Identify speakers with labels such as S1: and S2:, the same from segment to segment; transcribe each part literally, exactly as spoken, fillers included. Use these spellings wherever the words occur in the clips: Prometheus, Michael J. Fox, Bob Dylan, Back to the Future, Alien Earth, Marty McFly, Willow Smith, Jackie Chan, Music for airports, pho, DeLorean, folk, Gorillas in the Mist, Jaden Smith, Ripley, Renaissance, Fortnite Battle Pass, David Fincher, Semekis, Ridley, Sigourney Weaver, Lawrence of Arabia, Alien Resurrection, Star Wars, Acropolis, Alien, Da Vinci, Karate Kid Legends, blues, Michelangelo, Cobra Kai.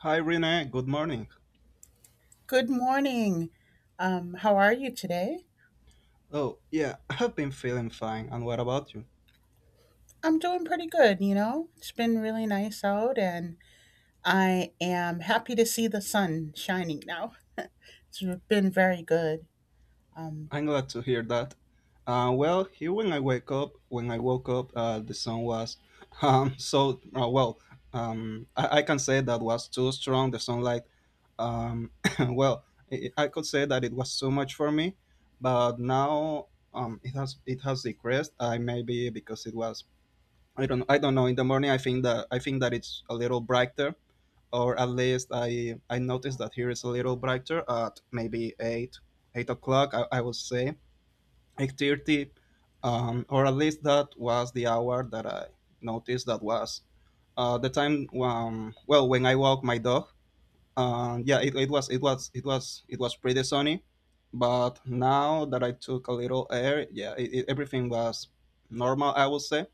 S1: Hi Renee, good morning.
S2: Good morning. Um, how are you today?
S1: Oh, yeah, I've been feeling fine, and what about you?
S2: I'm doing pretty good, you know. It's been really nice out, and I am happy to see the sun shining now. It's been very good. Um,
S1: I'm glad to hear that. Uh, well, here when I wake up, when I woke up, uh, the sun was, um, so, uh, well, um, I, I can say that was too strong, the sunlight, um, well, i I could say that it was too much for me, but now, um, it has, it has decreased, I maybe because it was I don't I don't know. In the morning, I think that I think that it's a little brighter, or at least I I noticed that here is a little brighter at maybe eight eight o'clock. I, I would say eight thirty, um, or at least that was the hour that I noticed that was uh, the time um, well when I walk my dog. Um, yeah, it, it was it was it was it was pretty sunny, but now that I took a little air, yeah, it, it, everything was normal. I would say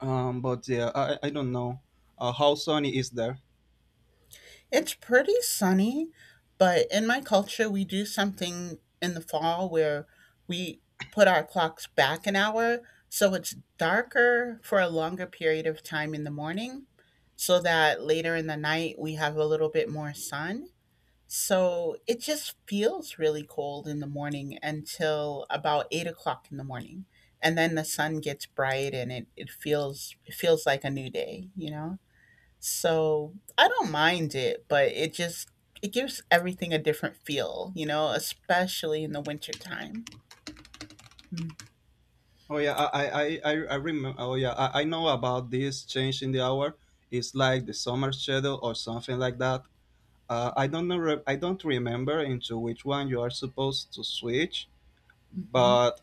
S1: um, but yeah, I, I don't know uh, how sunny is there.
S2: it's pretty sunny, but in my culture we do something in the fall where we put our clocks back an hour, so it's darker for a longer period of time in the morning, so that later in the night we have a little bit more sun. So it just feels really cold in the morning until about eight o'clock in the morning. And then the sun gets bright, and it, it feels it feels like a new day, you know? So I don't mind it, but it just, it gives everything a different feel, you know, especially in the wintertime. Mm.
S1: Oh yeah, I I I, I remember. Oh yeah, I, I know about this change in the hour. It's like the summer shadow or something like that. Uh, I don't know. re- I don't remember into which one you are supposed to switch,
S2: Mhm.
S1: but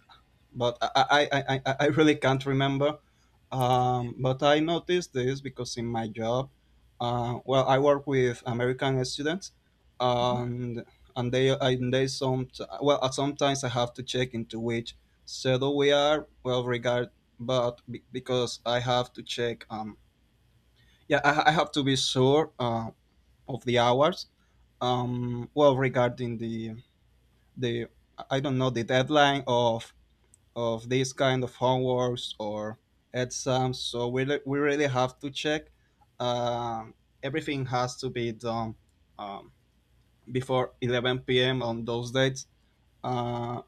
S1: but I I, I, I I really can't remember. Um, but I noticed this because in my job, uh, well, I work with American students,
S2: Mhm.
S1: and and they and they some well uh, sometimes I have to check into which schedule we are. Well, regard, but be, because I have to check. Um, yeah, I, I have to be sure uh, of the hours. Um, well, regarding the the I don't know the deadline of of these kind of homeworks or exams. So we, re- we really have to check. Um, Everything has to be done um, before eleven p m on those dates. Uh,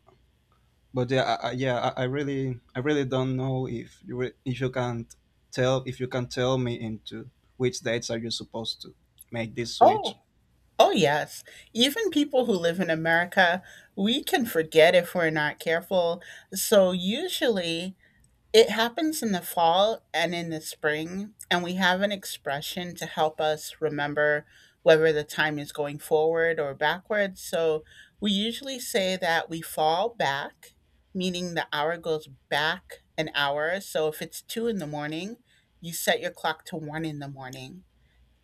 S1: but yeah, I, I- Yeah, I, I really, I really don't know if you re- if you can t- tell if you can tell me into which dates are you supposed to make this
S2: Oh,
S1: switch.
S2: oh yes. Even people who live in America, we can forget if we're not careful. So usually it happens in the fall and in the spring, and we have an expression to help us remember whether the time is going forward or backwards. So we usually say that we fall back, meaning the hour goes back an hour. So if it's two in the morning, you set your clock to one in the morning.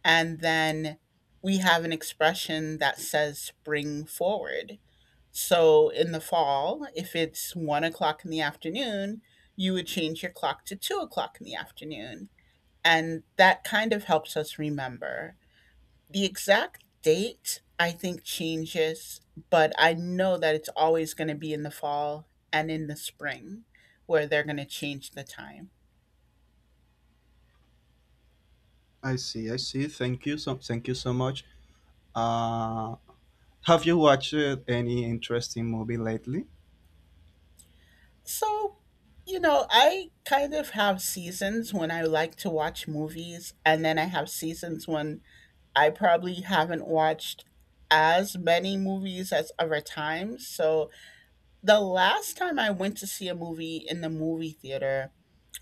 S2: And then we have an expression that says spring forward. So in the fall, if it's one o'clock in the afternoon, you would change your clock to two o'clock in the afternoon. And that kind of helps us remember. The exact date, I think, changes, but I know that it's always going to be in the fall and in the spring where they're going to change the time.
S1: I see, I see. Thank you so, thank you so much. Uh, have you watched any interesting movie lately?
S2: So, you know, I kind of have seasons when I like to watch movies, and then I have seasons when I probably haven't watched as many movies as other times. So the last time I went to see a movie in the movie theater,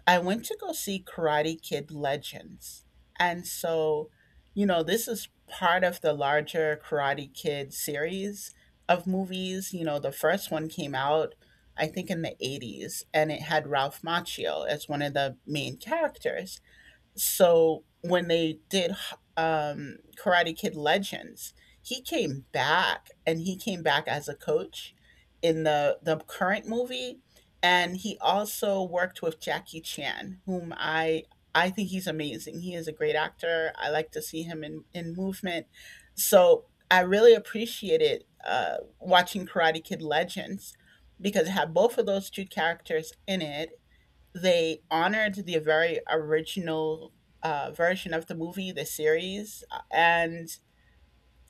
S2: I went to go see Karate Kid Legends. And so, you know, this is part of the larger Karate Kid series of movies. You know, the first one came out, I think, in the eighties, and it had Ralph Macchio as one of the main characters. So when they did um, Karate Kid Legends, he came back, and he came back as a coach in the the current movie, and he also worked with Jackie Chan, whom I I think he's amazing. He is a great actor. I like to see him in in movement. So I really appreciated uh, watching Karate Kid Legends because it had both of those two characters in it. They honored the very original uh, version of the movie, the series, uh, and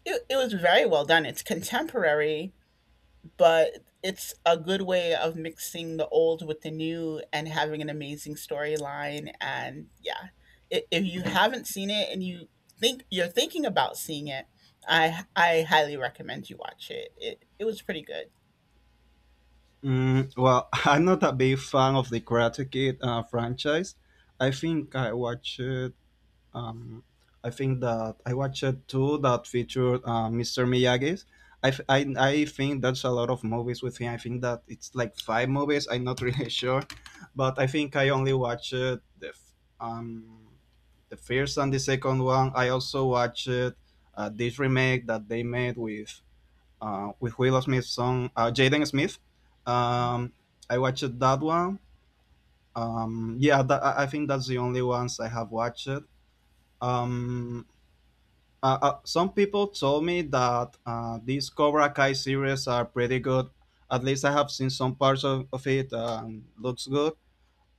S2: it, it was very well done. It's contemporary, but it's a good way of mixing the old with the new and having an amazing storyline. And yeah, i- if you haven't seen it and you think you're thinking about seeing it, I I highly recommend you watch it. It it was pretty good.
S1: Mm, well, I'm not a big fan of the Karate Kid uh, franchise. I think I watched. Um, I think that I watched two that featured uh, Mister Miyagi's. I, f- I, I think that's a lot of movies with him. I think that it's like five movies. I'm not really sure, but I think I only watched the f- um the first and the second one. I also watched uh, this remake that they made with uh, with Willow Smith's song, uh, Jaden Smith.
S2: Mhm.
S1: Um, I watched that one. Um, yeah, that, I I think that's the only ones I have watched. Um, uh, uh, some people told me that uh, these Cobra Kai series are pretty good. At least I have seen some parts of, of it. Um, looks good,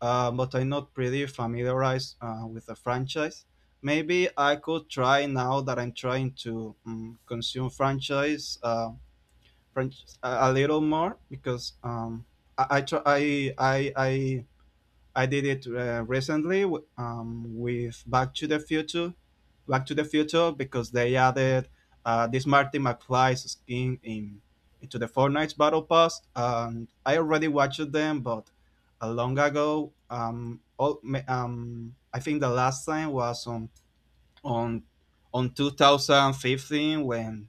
S1: uh, but I'm not pretty familiarized uh, with the franchise. Maybe I could try now that I'm trying to um, consume franchise. Uh, French a, a little more because um, I I, I I I did it uh, recently um, with Back to the Future, Back to the Future because they added uh, this Marty McFly's skin in into the Fortnite Battle Pass. And I already watched them, but a long ago. Um, all, um, I think the last time was on on on twenty fifteen when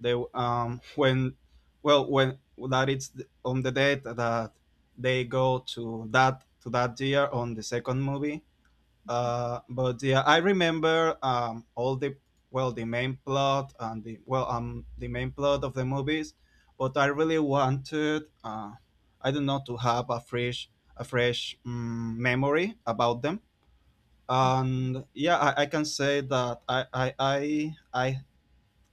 S1: they um when well when that it's th- on the date that they go to that to that year on the second movie, uh but yeah, I remember um all the well the main plot and the well um the main plot of the movies, but I really wanted uh I don't know, to have a fresh a fresh mm memory about them. And yeah, i, I can say that I, I i i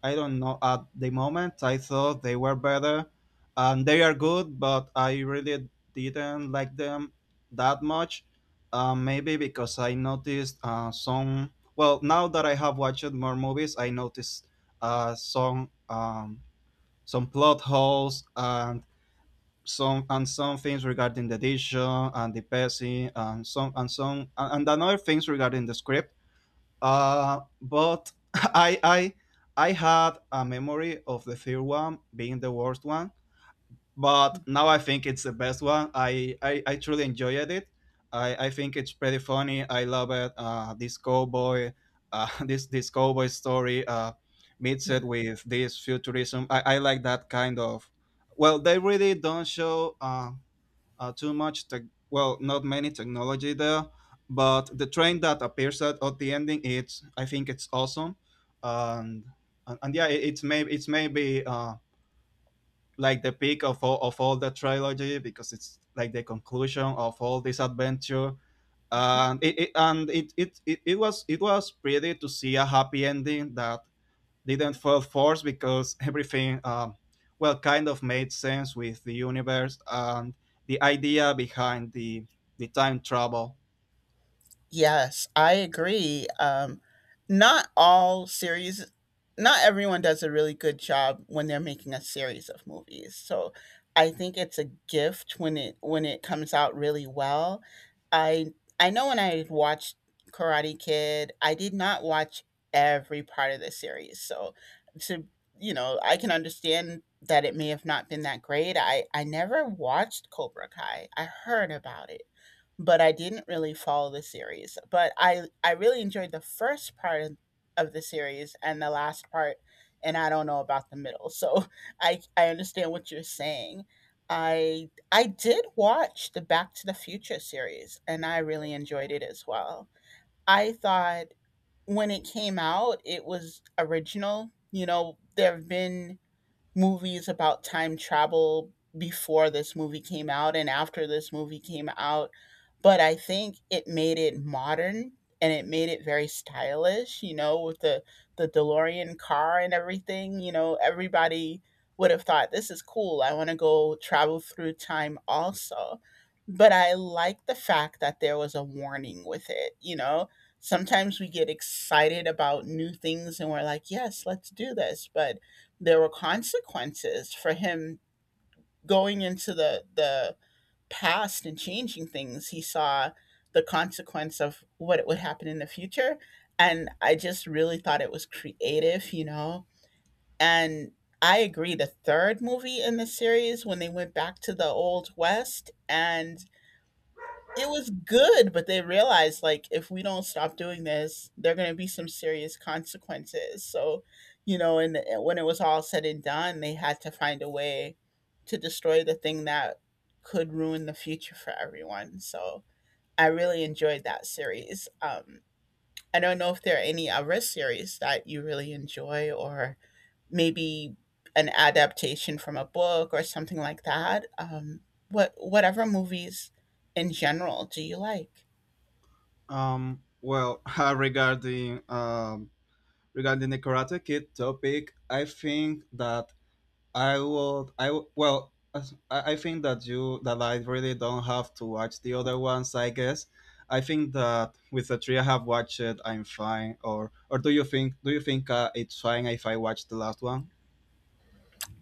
S1: i don't know, at the moment I thought they were better and they are good, but I really didn't like them that much. Uh, maybe because I noticed uh, some well now that I have watched more movies I noticed uh, some um, some plot holes and some and some things regarding the edition and the pacing and some and some and, and another things regarding the script. Uh, but I I I had a memory of the third one being the worst one, but now I think it's the best one. I I, I truly enjoyed it. I, I think it's pretty funny. I love it. Uh, this cowboy, uh, this this cowboy story uh, meets
S2: Yeah.
S1: it with this futurism. I, I like that kind of. Well, they really don't show uh, uh, too much tech, well not many technology there, but the train that appears at, at the ending, it's I think it's awesome. and and, and yeah, it, it's maybe it's maybe uh, like the peak of all of all the trilogy because it's like the conclusion of all this adventure, and it, it and it, it it it was it was pretty to see a happy ending that didn't feel forced because everything, um, well, kind of made sense with the universe and the idea behind the the time travel.
S2: Yes, I agree. Um, not all series, not everyone does a really good job when they're making a series of movies. So I think it's a gift when it when it comes out really well. I I know when I watched Karate Kid, I did not watch every part of the series. So to you know, I can understand that it may have not been that great. I I never watched Cobra Kai. I heard about it, but I didn't really follow the series. But I I really enjoyed the first part of of the series and the last part, and I don't know about the middle. So I I understand what you're saying. I I did watch the Back to the Future series, and I really enjoyed it as well. I thought when it came out it was original. You know, there have been movies about time travel before this movie came out and after this movie came out, but I think it made it modern, and it made it very stylish, you know, with the the DeLorean car and everything, you know, everybody would have thought this is cool. I want to go travel through time also. But I like the fact that there was a warning with it, you know. Sometimes we get excited about new things, and we're like, "Yes, let's do this." But there were consequences for him going into the the past, and changing things, he saw the consequence of what would happen in the future, and I just really thought it was creative you know and I agree, the third movie in the series, when they went back to the old west, and it was good, but they realized, like, if we don't stop doing this, there are going to be some serious consequences. So, you know, and and when it was all said and done, they had to find a way to destroy the thing that could ruin the future for everyone. So, I really enjoyed that series. Um, I don't know if there are any other series that you really enjoy, or maybe an adaptation from a book or something like that. Um, what whatever movies in general do you like?
S1: Um, well, regarding um, regarding the Karate Kid topic, I think that I would. I w- well. As- I I think that you that I really don't have to watch the other ones, I guess. I think that with the three I have watched, I'm fine. Or or do you think do you think uh, it's fine if I watch the last one?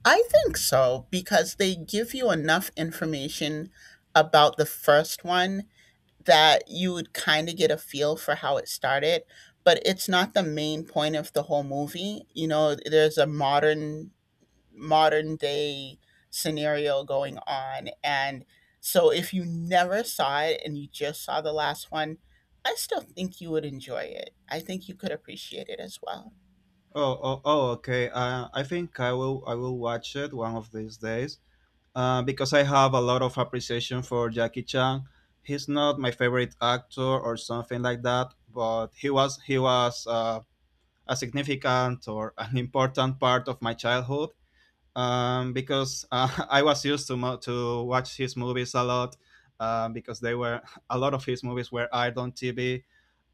S2: I think so because they give you enough information about the first one that you would kind of get a feel for how it started, but it's not the main point of the whole movie. You know, there's a modern modern day scenario going on, and so if you never saw it and you just saw the last one, I still think you would enjoy it. I think you could appreciate it as well.
S1: Oh, oh, oh okay. Uh, I think I will. I will watch it one of these days. Uh, because I have a lot of appreciation for Jackie Chan. He's not my favorite actor or something like that, but he was he was uh, a significant or an important part of my childhood. Um, because uh, I was used to mo- to watch his movies a lot. Um, because they were a lot of his movies were aired on T V,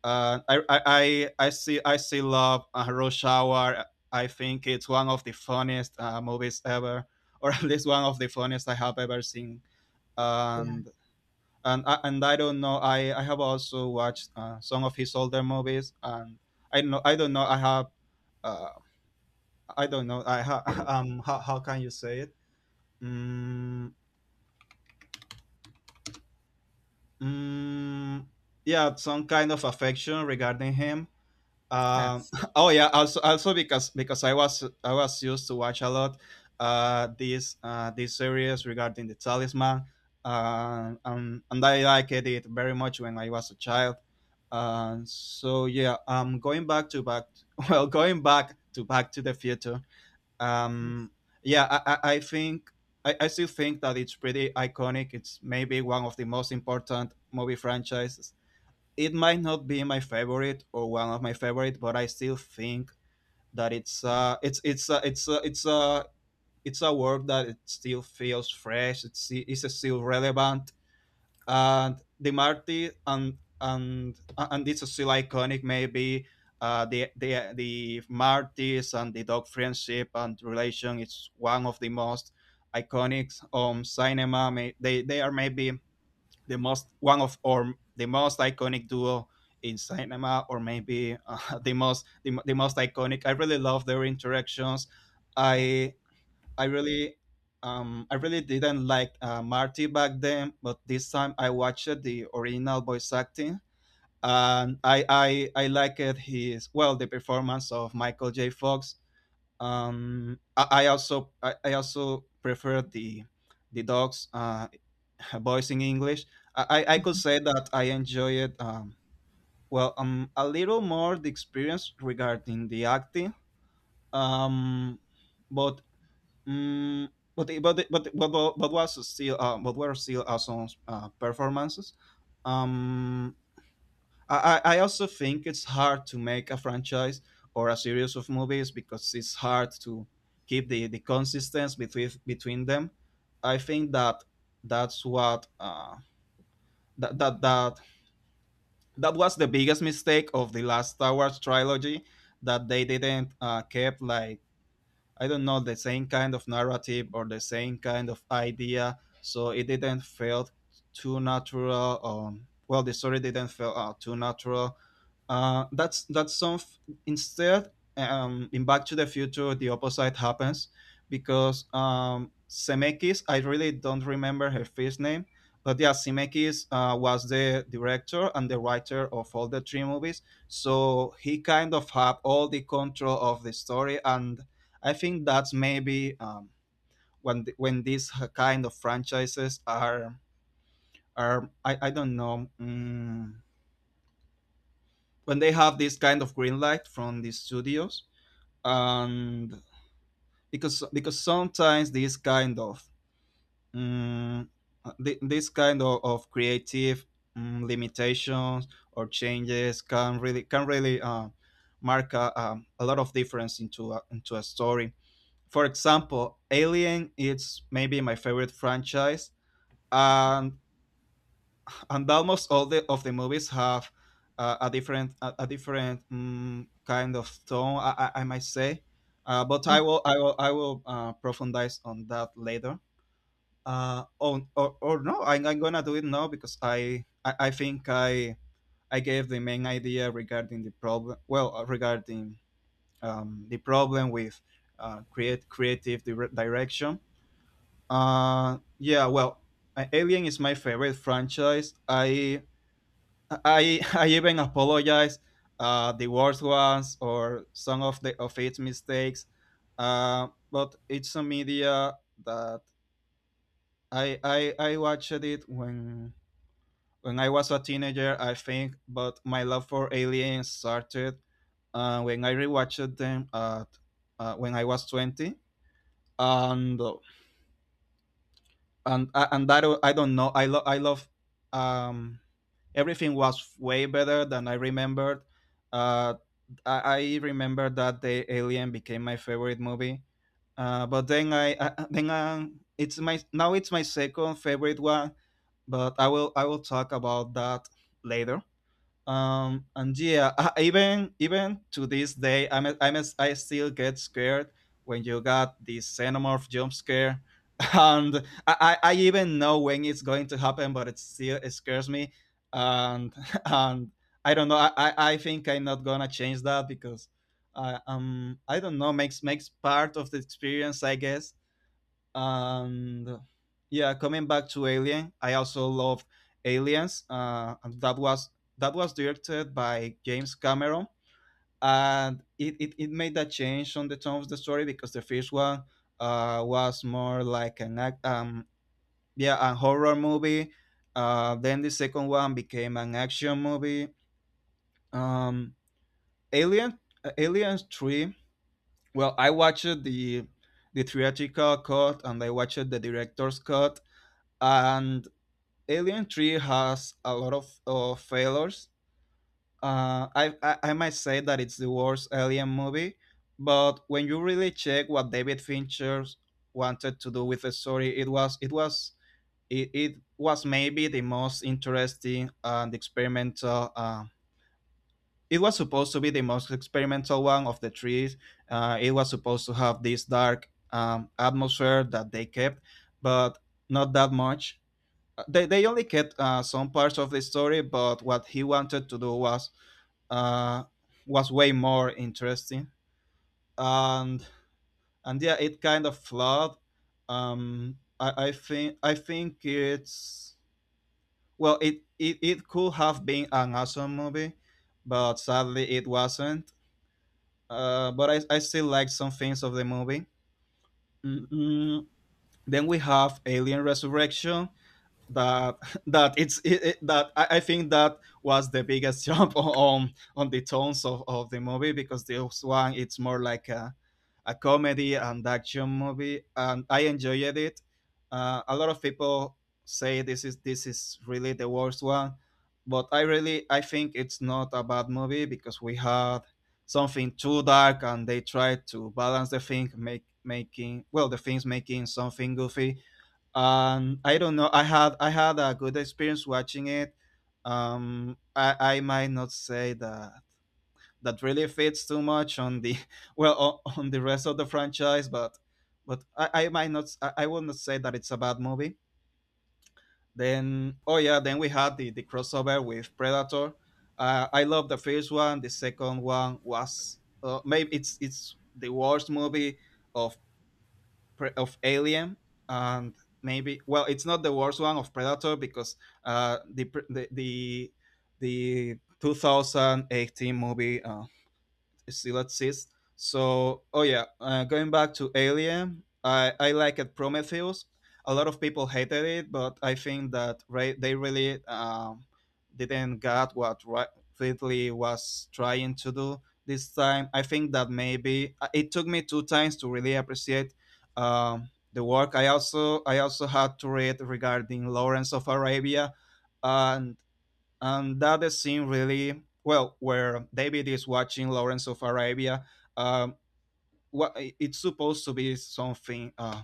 S1: uh, I, I I I see I see Love uh, Shower. I think it's one of the funniest uh, movies ever, or at least one of the funniest I have ever seen.
S2: Yeah.
S1: And and I- and I don't know. I, I have also watched uh, some of his older movies, and I know I don't know. I have uh, I don't know. I ha- um how, how can you say it? Mm, mm, yeah, some kind of affection regarding him. Um,
S2: Yes.
S1: oh yeah, also also because because I was I was used to watch a lot uh, these uh, these series regarding the talisman, uh, um, and I liked it very much when I was a child. Uh, so yeah, um, going back to back, well, going back to Back to the Future.
S2: Yes.
S1: Um, yeah, I, I I think I, I still think that it's pretty iconic. It's maybe one of the most important movie franchises. It might not be my favorite or one of my favorite, but I still think that it's uh it's it's uh, it's uh, it's a uh, it's a work that it still feels fresh. It's it's still relevant, and the Marty and and and it's still iconic. Maybe uh, the the the Marty's and the dog friendship and relation. It's one of the most iconic um cinema. May, they they are maybe the most one of or the most iconic duo in cinema, or maybe uh, the most the, the most iconic. I really love their interactions.
S2: Yeah.
S1: I I really um, I really didn't like uh, Marty back then, but this time I watched the original voice acting, and I I I liked his well the performance of Michael J. Fox. Um, I, I also I, I also prefer the the dogs. Uh, voice in English. I, I I could say that I enjoyed um, well um a little more the experience regarding the acting. Um, but um, but it- but it- but it- but but but was still uh, but were still awesome uh, performances. Um, I I I also think it's hard to make a franchise or a series of movies because it's hard to keep the the consistency between between them. I think that that's what uh, that that that that was the biggest mistake of the last Star Wars trilogy, that they didn't uh, keep like I don't know, the same kind of narrative or the same kind of idea. So it didn't feel too natural. Um, well, the story didn't feel uh, too natural. Uh, that's that's some. Instead, um, in Back to the Future, the opposite happens because um, Semekis. I really don't remember her first name, but yeah, Semekis uh, was the director and the writer of all the three movies. So he kind of had all the control of the story and I think that's maybe um, when th- when these kind of franchises are are I, I don't know mm, when they have this kind of green light from the studios and because because sometimes this kind of mm, uh, this kind of, of creative mm, limitations or changes can really can really uh, mark a, um, a lot of difference into a, into a story. For example, Alien is maybe my favorite franchise, and and almost all the of the movies have uh, a different a, a different mm kind of tone, I, I, I might say. Uh, but I will I will I will uh, profundize on that later. Uh, on, or, or no, I'm, I'm gonna do it now because I, I I think I I gave the main idea regarding the problem. Well, uh, regarding um, the problem with uh, create creative dire- direction. Uh, yeah, well, A- Alien is my favorite franchise. I I I even apologize uh, the worst ones or some of the of its mistakes. Uh, but it's a media that I I I watched it when when I was a teenager, I think. But my love for Alien started uh, when I rewatched them at uh, when I was twenty, and and and that I don't know. I love I love um everything was way better than I remembered. Uh, I, I remember that the Alien became my favorite movie. Uh, but then I, I then uh, it's my now it's my second favorite one. But I will I will talk about that later. Um, and yeah, uh, even even to this day, I'm, I'm I still get scared when you got the xenomorph jump scare, and I, I I even know when it's going to happen, but it still it scares me, and and I don't know. I, I, I think I'm not gonna change that because I um I don't know, makes makes part of the experience, I guess, and yeah, coming back to Alien, I also love Aliens, uh, and that was that was directed by James Cameron, and it, it, it made that change on the tone of the story because the first one uh, was more like an act um yeah a horror movie. Uh, then the second one became an action movie. um alien uh, Alien three, well, I watched the the theatrical cut and I watched the director's cut, and Alien Three has a lot of uh, failures. Uh, I, I I might say that it's the worst Alien movie, but when you really check what David Fincher wanted to do with the story, it was it was it, it was maybe the most interesting and experimental. Uh, it was supposed to be the most experimental one of the three. Uh, it was supposed to have this dark um, atmosphere that they kept, but not that much. Uh, they, they only kept uh, some parts of the story, but what he wanted to do was uh, was way more interesting, and and yeah, it kind of flawed. Um, I, I think I think it's, well, it, it it could have been an awesome movie, but sadly it wasn't. Uh, but I, I still like some things of the movie. Mm-mm. Then we have Alien Resurrection, that that it's it, it- that I, I think that was the biggest jump on on the tones of, of the movie, because this one it's more like a, a comedy and action movie and I enjoyed it. Uh, a lot of people say this is this is really the worst one, but I really I think it's not a bad movie because we had something too dark and they tried to balance the thing make making, well, the things, making something goofy. um, I don't know. I had I had a good experience watching it. Um, I, I might not say that that really fits too much on the well o- on the rest of the franchise, but but I, I might not s- I, I will not say that it's a bad movie. Then, oh yeah, then we had the the crossover with Predator. Uh, I love the first one. The second one was uh, maybe it's it's the worst movie of of Alien, and maybe, well, it's not the worst one of Predator because uh, the the the, the twenty eighteen movie uh, still exists. So, oh yeah, uh, going back to Alien, I I liked Prometheus. A lot of people hated it, but I think that re- they really um, didn't get what Ra- Ridley was trying to do this time. I think that maybe uh, it took me two times to really appreciate um, the work. I also I also had to read regarding Lawrence of Arabia, and and that the scene really, well, where David is watching Lawrence of Arabia, um what, it's supposed to be something uh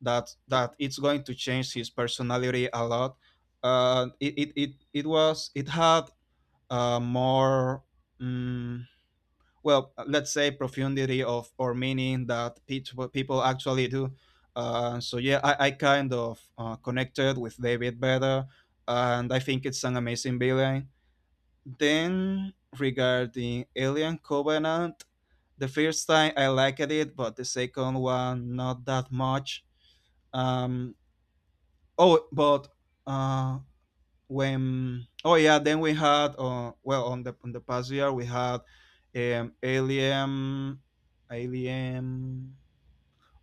S1: that that it's going to change his personality a lot. Uh it it it, it was, it had uh more um, well, let's say profundity of or meaning that people people actually do. Uh, so yeah, i, I kind of uh, connected with David better, and I think it's an amazing villain. Then, regarding Alien Covenant, the first time I liked it, but the second one not that much. Um. Oh, but uh, when oh yeah, then we had, uh, well, on the on the past year we had um Alien Alien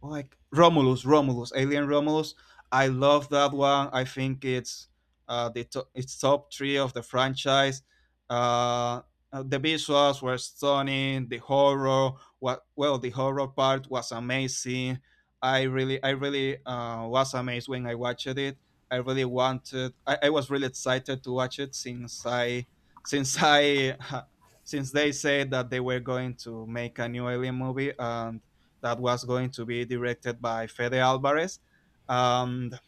S1: Oh, like Romulus, Romulus, Alien Romulus. I love that one. I think it's uh, the to- it's top three of the franchise. Uh, uh, the visuals were stunning. The horror, what, well, the horror part was amazing. I really, I really uh, was amazed when I watched it. I really wanted. I, I was really excited to watch it since I, since I, since they said that they were going to make a new Alien movie, and that was going to be directed by Fede Alvarez. And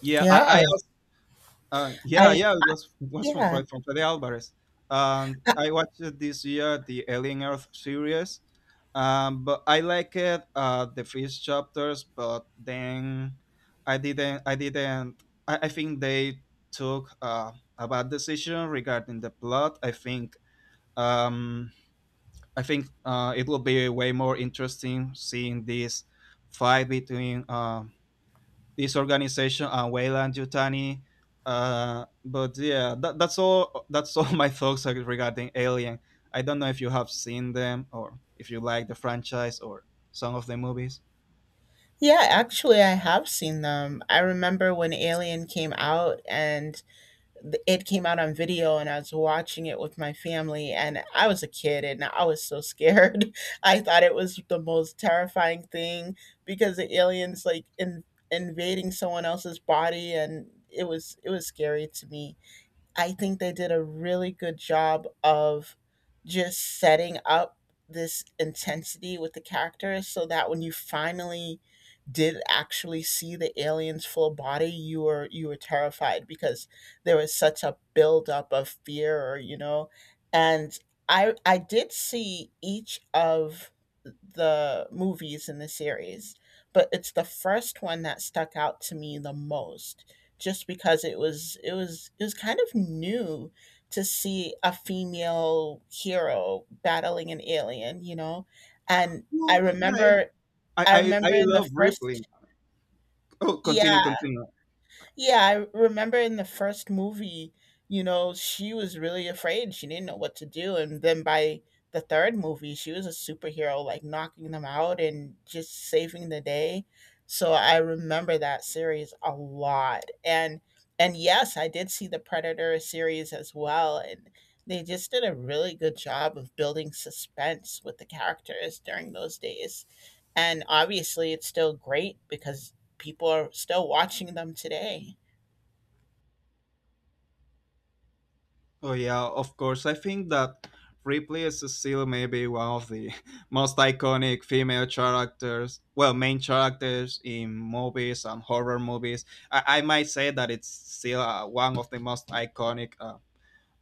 S1: yeah, I,
S2: Yeah.
S1: I also, uh, yeah,
S2: I,
S1: yeah, it
S2: I
S1: was it was from
S2: yeah.
S1: Fred from Fede Alvarez. And I watched it this year, the Alien Earth series, um, but I like it uh, the first chapters, but then I didn't. I didn't. I, I think they took uh, a bad decision regarding the plot. I think um, I think uh, it will be way more interesting seeing this fight between uh, this organization and Weyland Yutani. Uh, but yeah, that, that's all. That's all my thoughts regarding Alien. I don't know if you have seen them or if you like the franchise or some of the movies.
S2: Yeah, actually, I have seen them. I remember when Alien came out, and th- it came out on video, and I was watching it with my family, and I was a kid, and I was so scared. I thought it was the most terrifying thing because the aliens, like, in, invading someone else's body, and it was it was scary to me. I think they did a really good job of just setting up this intensity with the characters so that when you finally did actually see the alien's full body, you were you were terrified because there was such a buildup of fear you know and i i did see each of the movies in the series, but it's the first one that stuck out to me the most just because it was it was it was kind of new to see a female hero battling an alien, you know? And I
S1: Oh, yeah, yeah.
S2: remember
S1: I,
S2: I
S1: I,
S2: remember
S1: I
S2: in the
S1: love Ripley.
S2: first,
S1: Oh, continue,
S2: yeah.
S1: continue.
S2: Yeah, I remember in the first movie, you know, she was really afraid. She didn't know what to do. And then by the third movie, she was a superhero, like knocking them out and just saving the day. So I remember that series a lot. And and yes, I did see the Predator series as well. And they just did a really good job of building suspense with the characters during those days. And obviously it's still great because people are still watching them today.
S1: Oh yeah, of course. I think that Ripley is still maybe one of the most iconic female characters, well, main characters in movies and horror movies. I, I might say that it's still uh, one of the most iconic uh,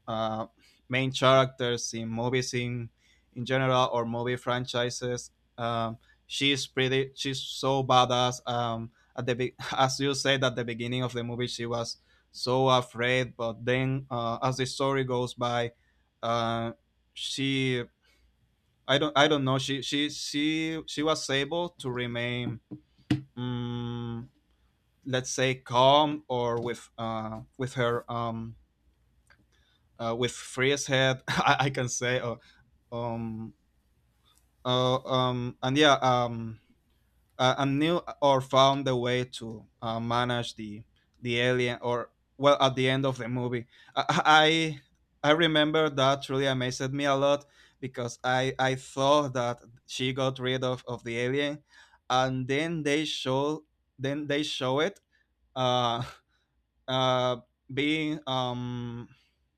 S1: uh, main characters in movies in in general or movie franchises. Um, she's pretty. She's so badass. Um, at the be- as you said at the beginning of the movie, she was so afraid, but then uh, as the story goes by, uh, she. I don't. I don't know. She. She. She. She was able to remain, um, let's say, calm or with. Uh, with her. Um, uh, with freeze head, I, I can say, or um uh, um and yeah, um uh, and knew or found a way to uh, manage the the alien or, well, at the end of the movie, i i, I remember that really amazed me a lot because i i thought that she got rid of of the alien, and then they show, then they show it uh uh, being um,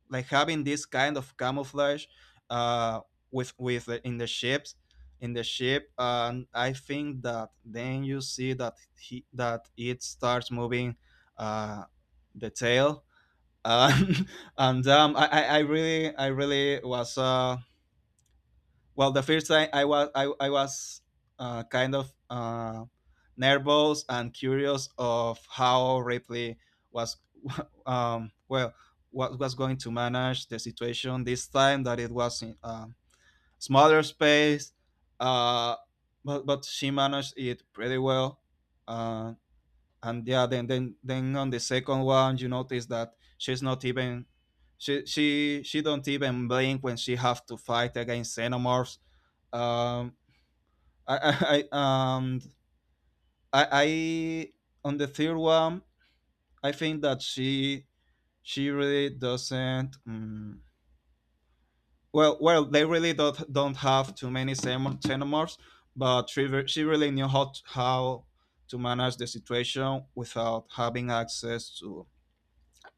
S1: like having this kind of camouflage, uh, with with the, in the ships, in the ship, and I think that then you see that he, that it starts moving, uh, the tail, and and, um, I, I I really I really was uh, well, the first time i was i, I was uh, kind of uh, nervous and curious of how Ripley was um, well, what was going to manage the situation this time that it was in a smaller space, uh, but, but she managed it pretty well. uh, and yeah, then, then then on the second one you notice that she's not even, she she she don't even blink when she have to fight against xenomorphs. um, I, I, I and I, I on the third one, I think that she she really doesn't. Um, well, well, they really don't don't have too many xenom- xenomorphs, but she, re- she really knew how to, how to manage the situation without having access to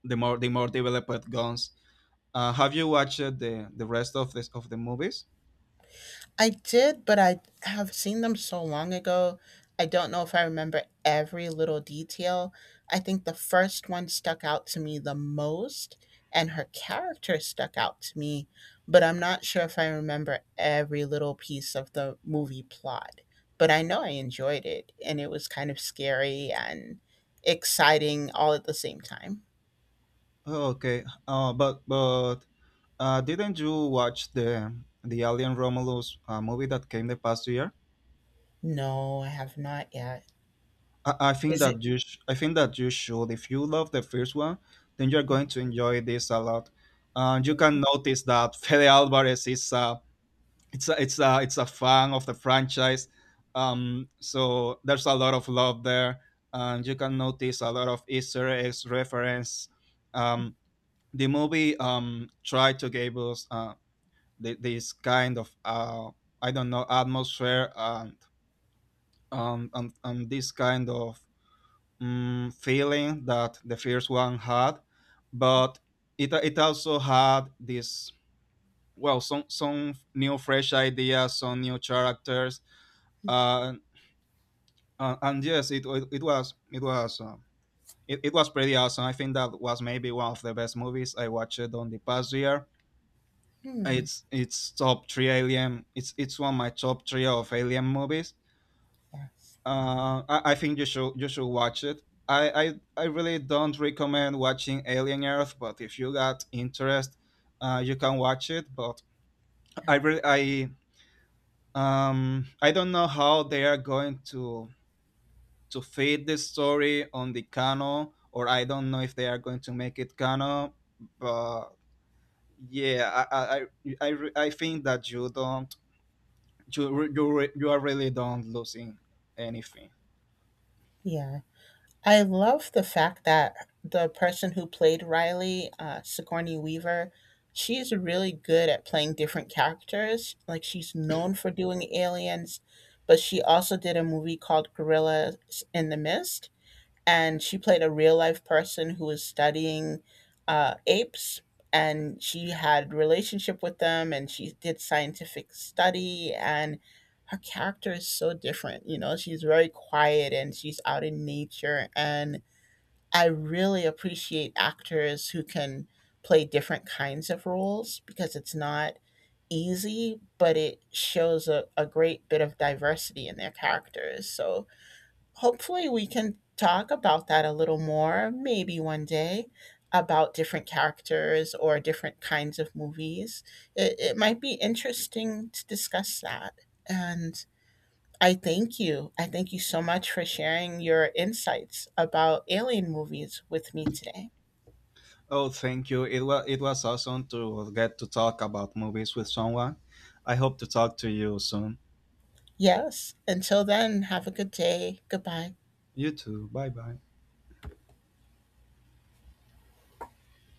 S1: the more the more developed guns. Uh, have you watched the the rest of this of the movies?
S2: I did, but I have seen them so long ago. I don't know if I remember every little detail. I think the first one stuck out to me the most, and her character stuck out to me, but I'm not sure if I remember every little piece of the movie plot. But I know I enjoyed it, and it was kind of scary and exciting all at the same time.
S1: Okay, uh, but but uh, didn't you watch the the Alien Romulus uh, movie that came the past year?
S2: No, I have not yet.
S1: I, I think
S2: Is it?
S1: that you sh- I think that you should. If you love the first one, then you're going to enjoy this a lot. Uh, you can notice that Fede Alvarez is a, it's a, it's a it's a fan of the franchise. Um so there's a lot of love there, and you can notice a lot of easter eggs reference. um the movie um tried to give us uh th- this kind of uh I don't know, atmosphere, and um and, and this kind of um, feeling that the first one had, but it it also had this, well, some some new fresh ideas, some new characters. Uh, and, and yes, it, it, it was it was um, it, it was pretty awesome. I think that was maybe one of the best movies I watched on the past year.
S2: Hmm.
S1: It's it's top three Alien. It's it's one of my top three of Alien movies.
S2: Yes.
S1: Uh, I, I think you should you should watch it. I, I I really don't recommend watching Alien Earth, but if you got interest, uh, you can watch it. But I really I um I don't know how they are going to to fit the story on the canon, or I don't know if they are going to make it canon. But yeah, I I I, I, re- I think that you don't, you re- you re- you are really don't losing anything.
S2: Yeah, I love the fact that the person who played Riley, uh, Sigourney Weaver, she's really good at playing different characters. Like, she's known for doing aliens, but she also did a movie called Gorillas in the Mist, and she played a real life person who was studying uh, apes, and she had relationship with them, and she did scientific study, and her character is so different you know she's very quiet, and she's out in nature, and I really appreciate actors who can play different kinds of roles because it's not easy, but it shows a, a great bit of diversity in their characters. So hopefully we can talk about that a little more, maybe one day, about different characters or different kinds of movies. It, it might be interesting to discuss that. And i thank you i thank you so much for sharing your insights about Alien movies with me today.
S1: Oh, thank you. It was it was awesome to get to talk about movies with someone. I hope to talk to you soon.
S2: Yes, until then, have a good day. Goodbye.
S1: You too. Bye bye.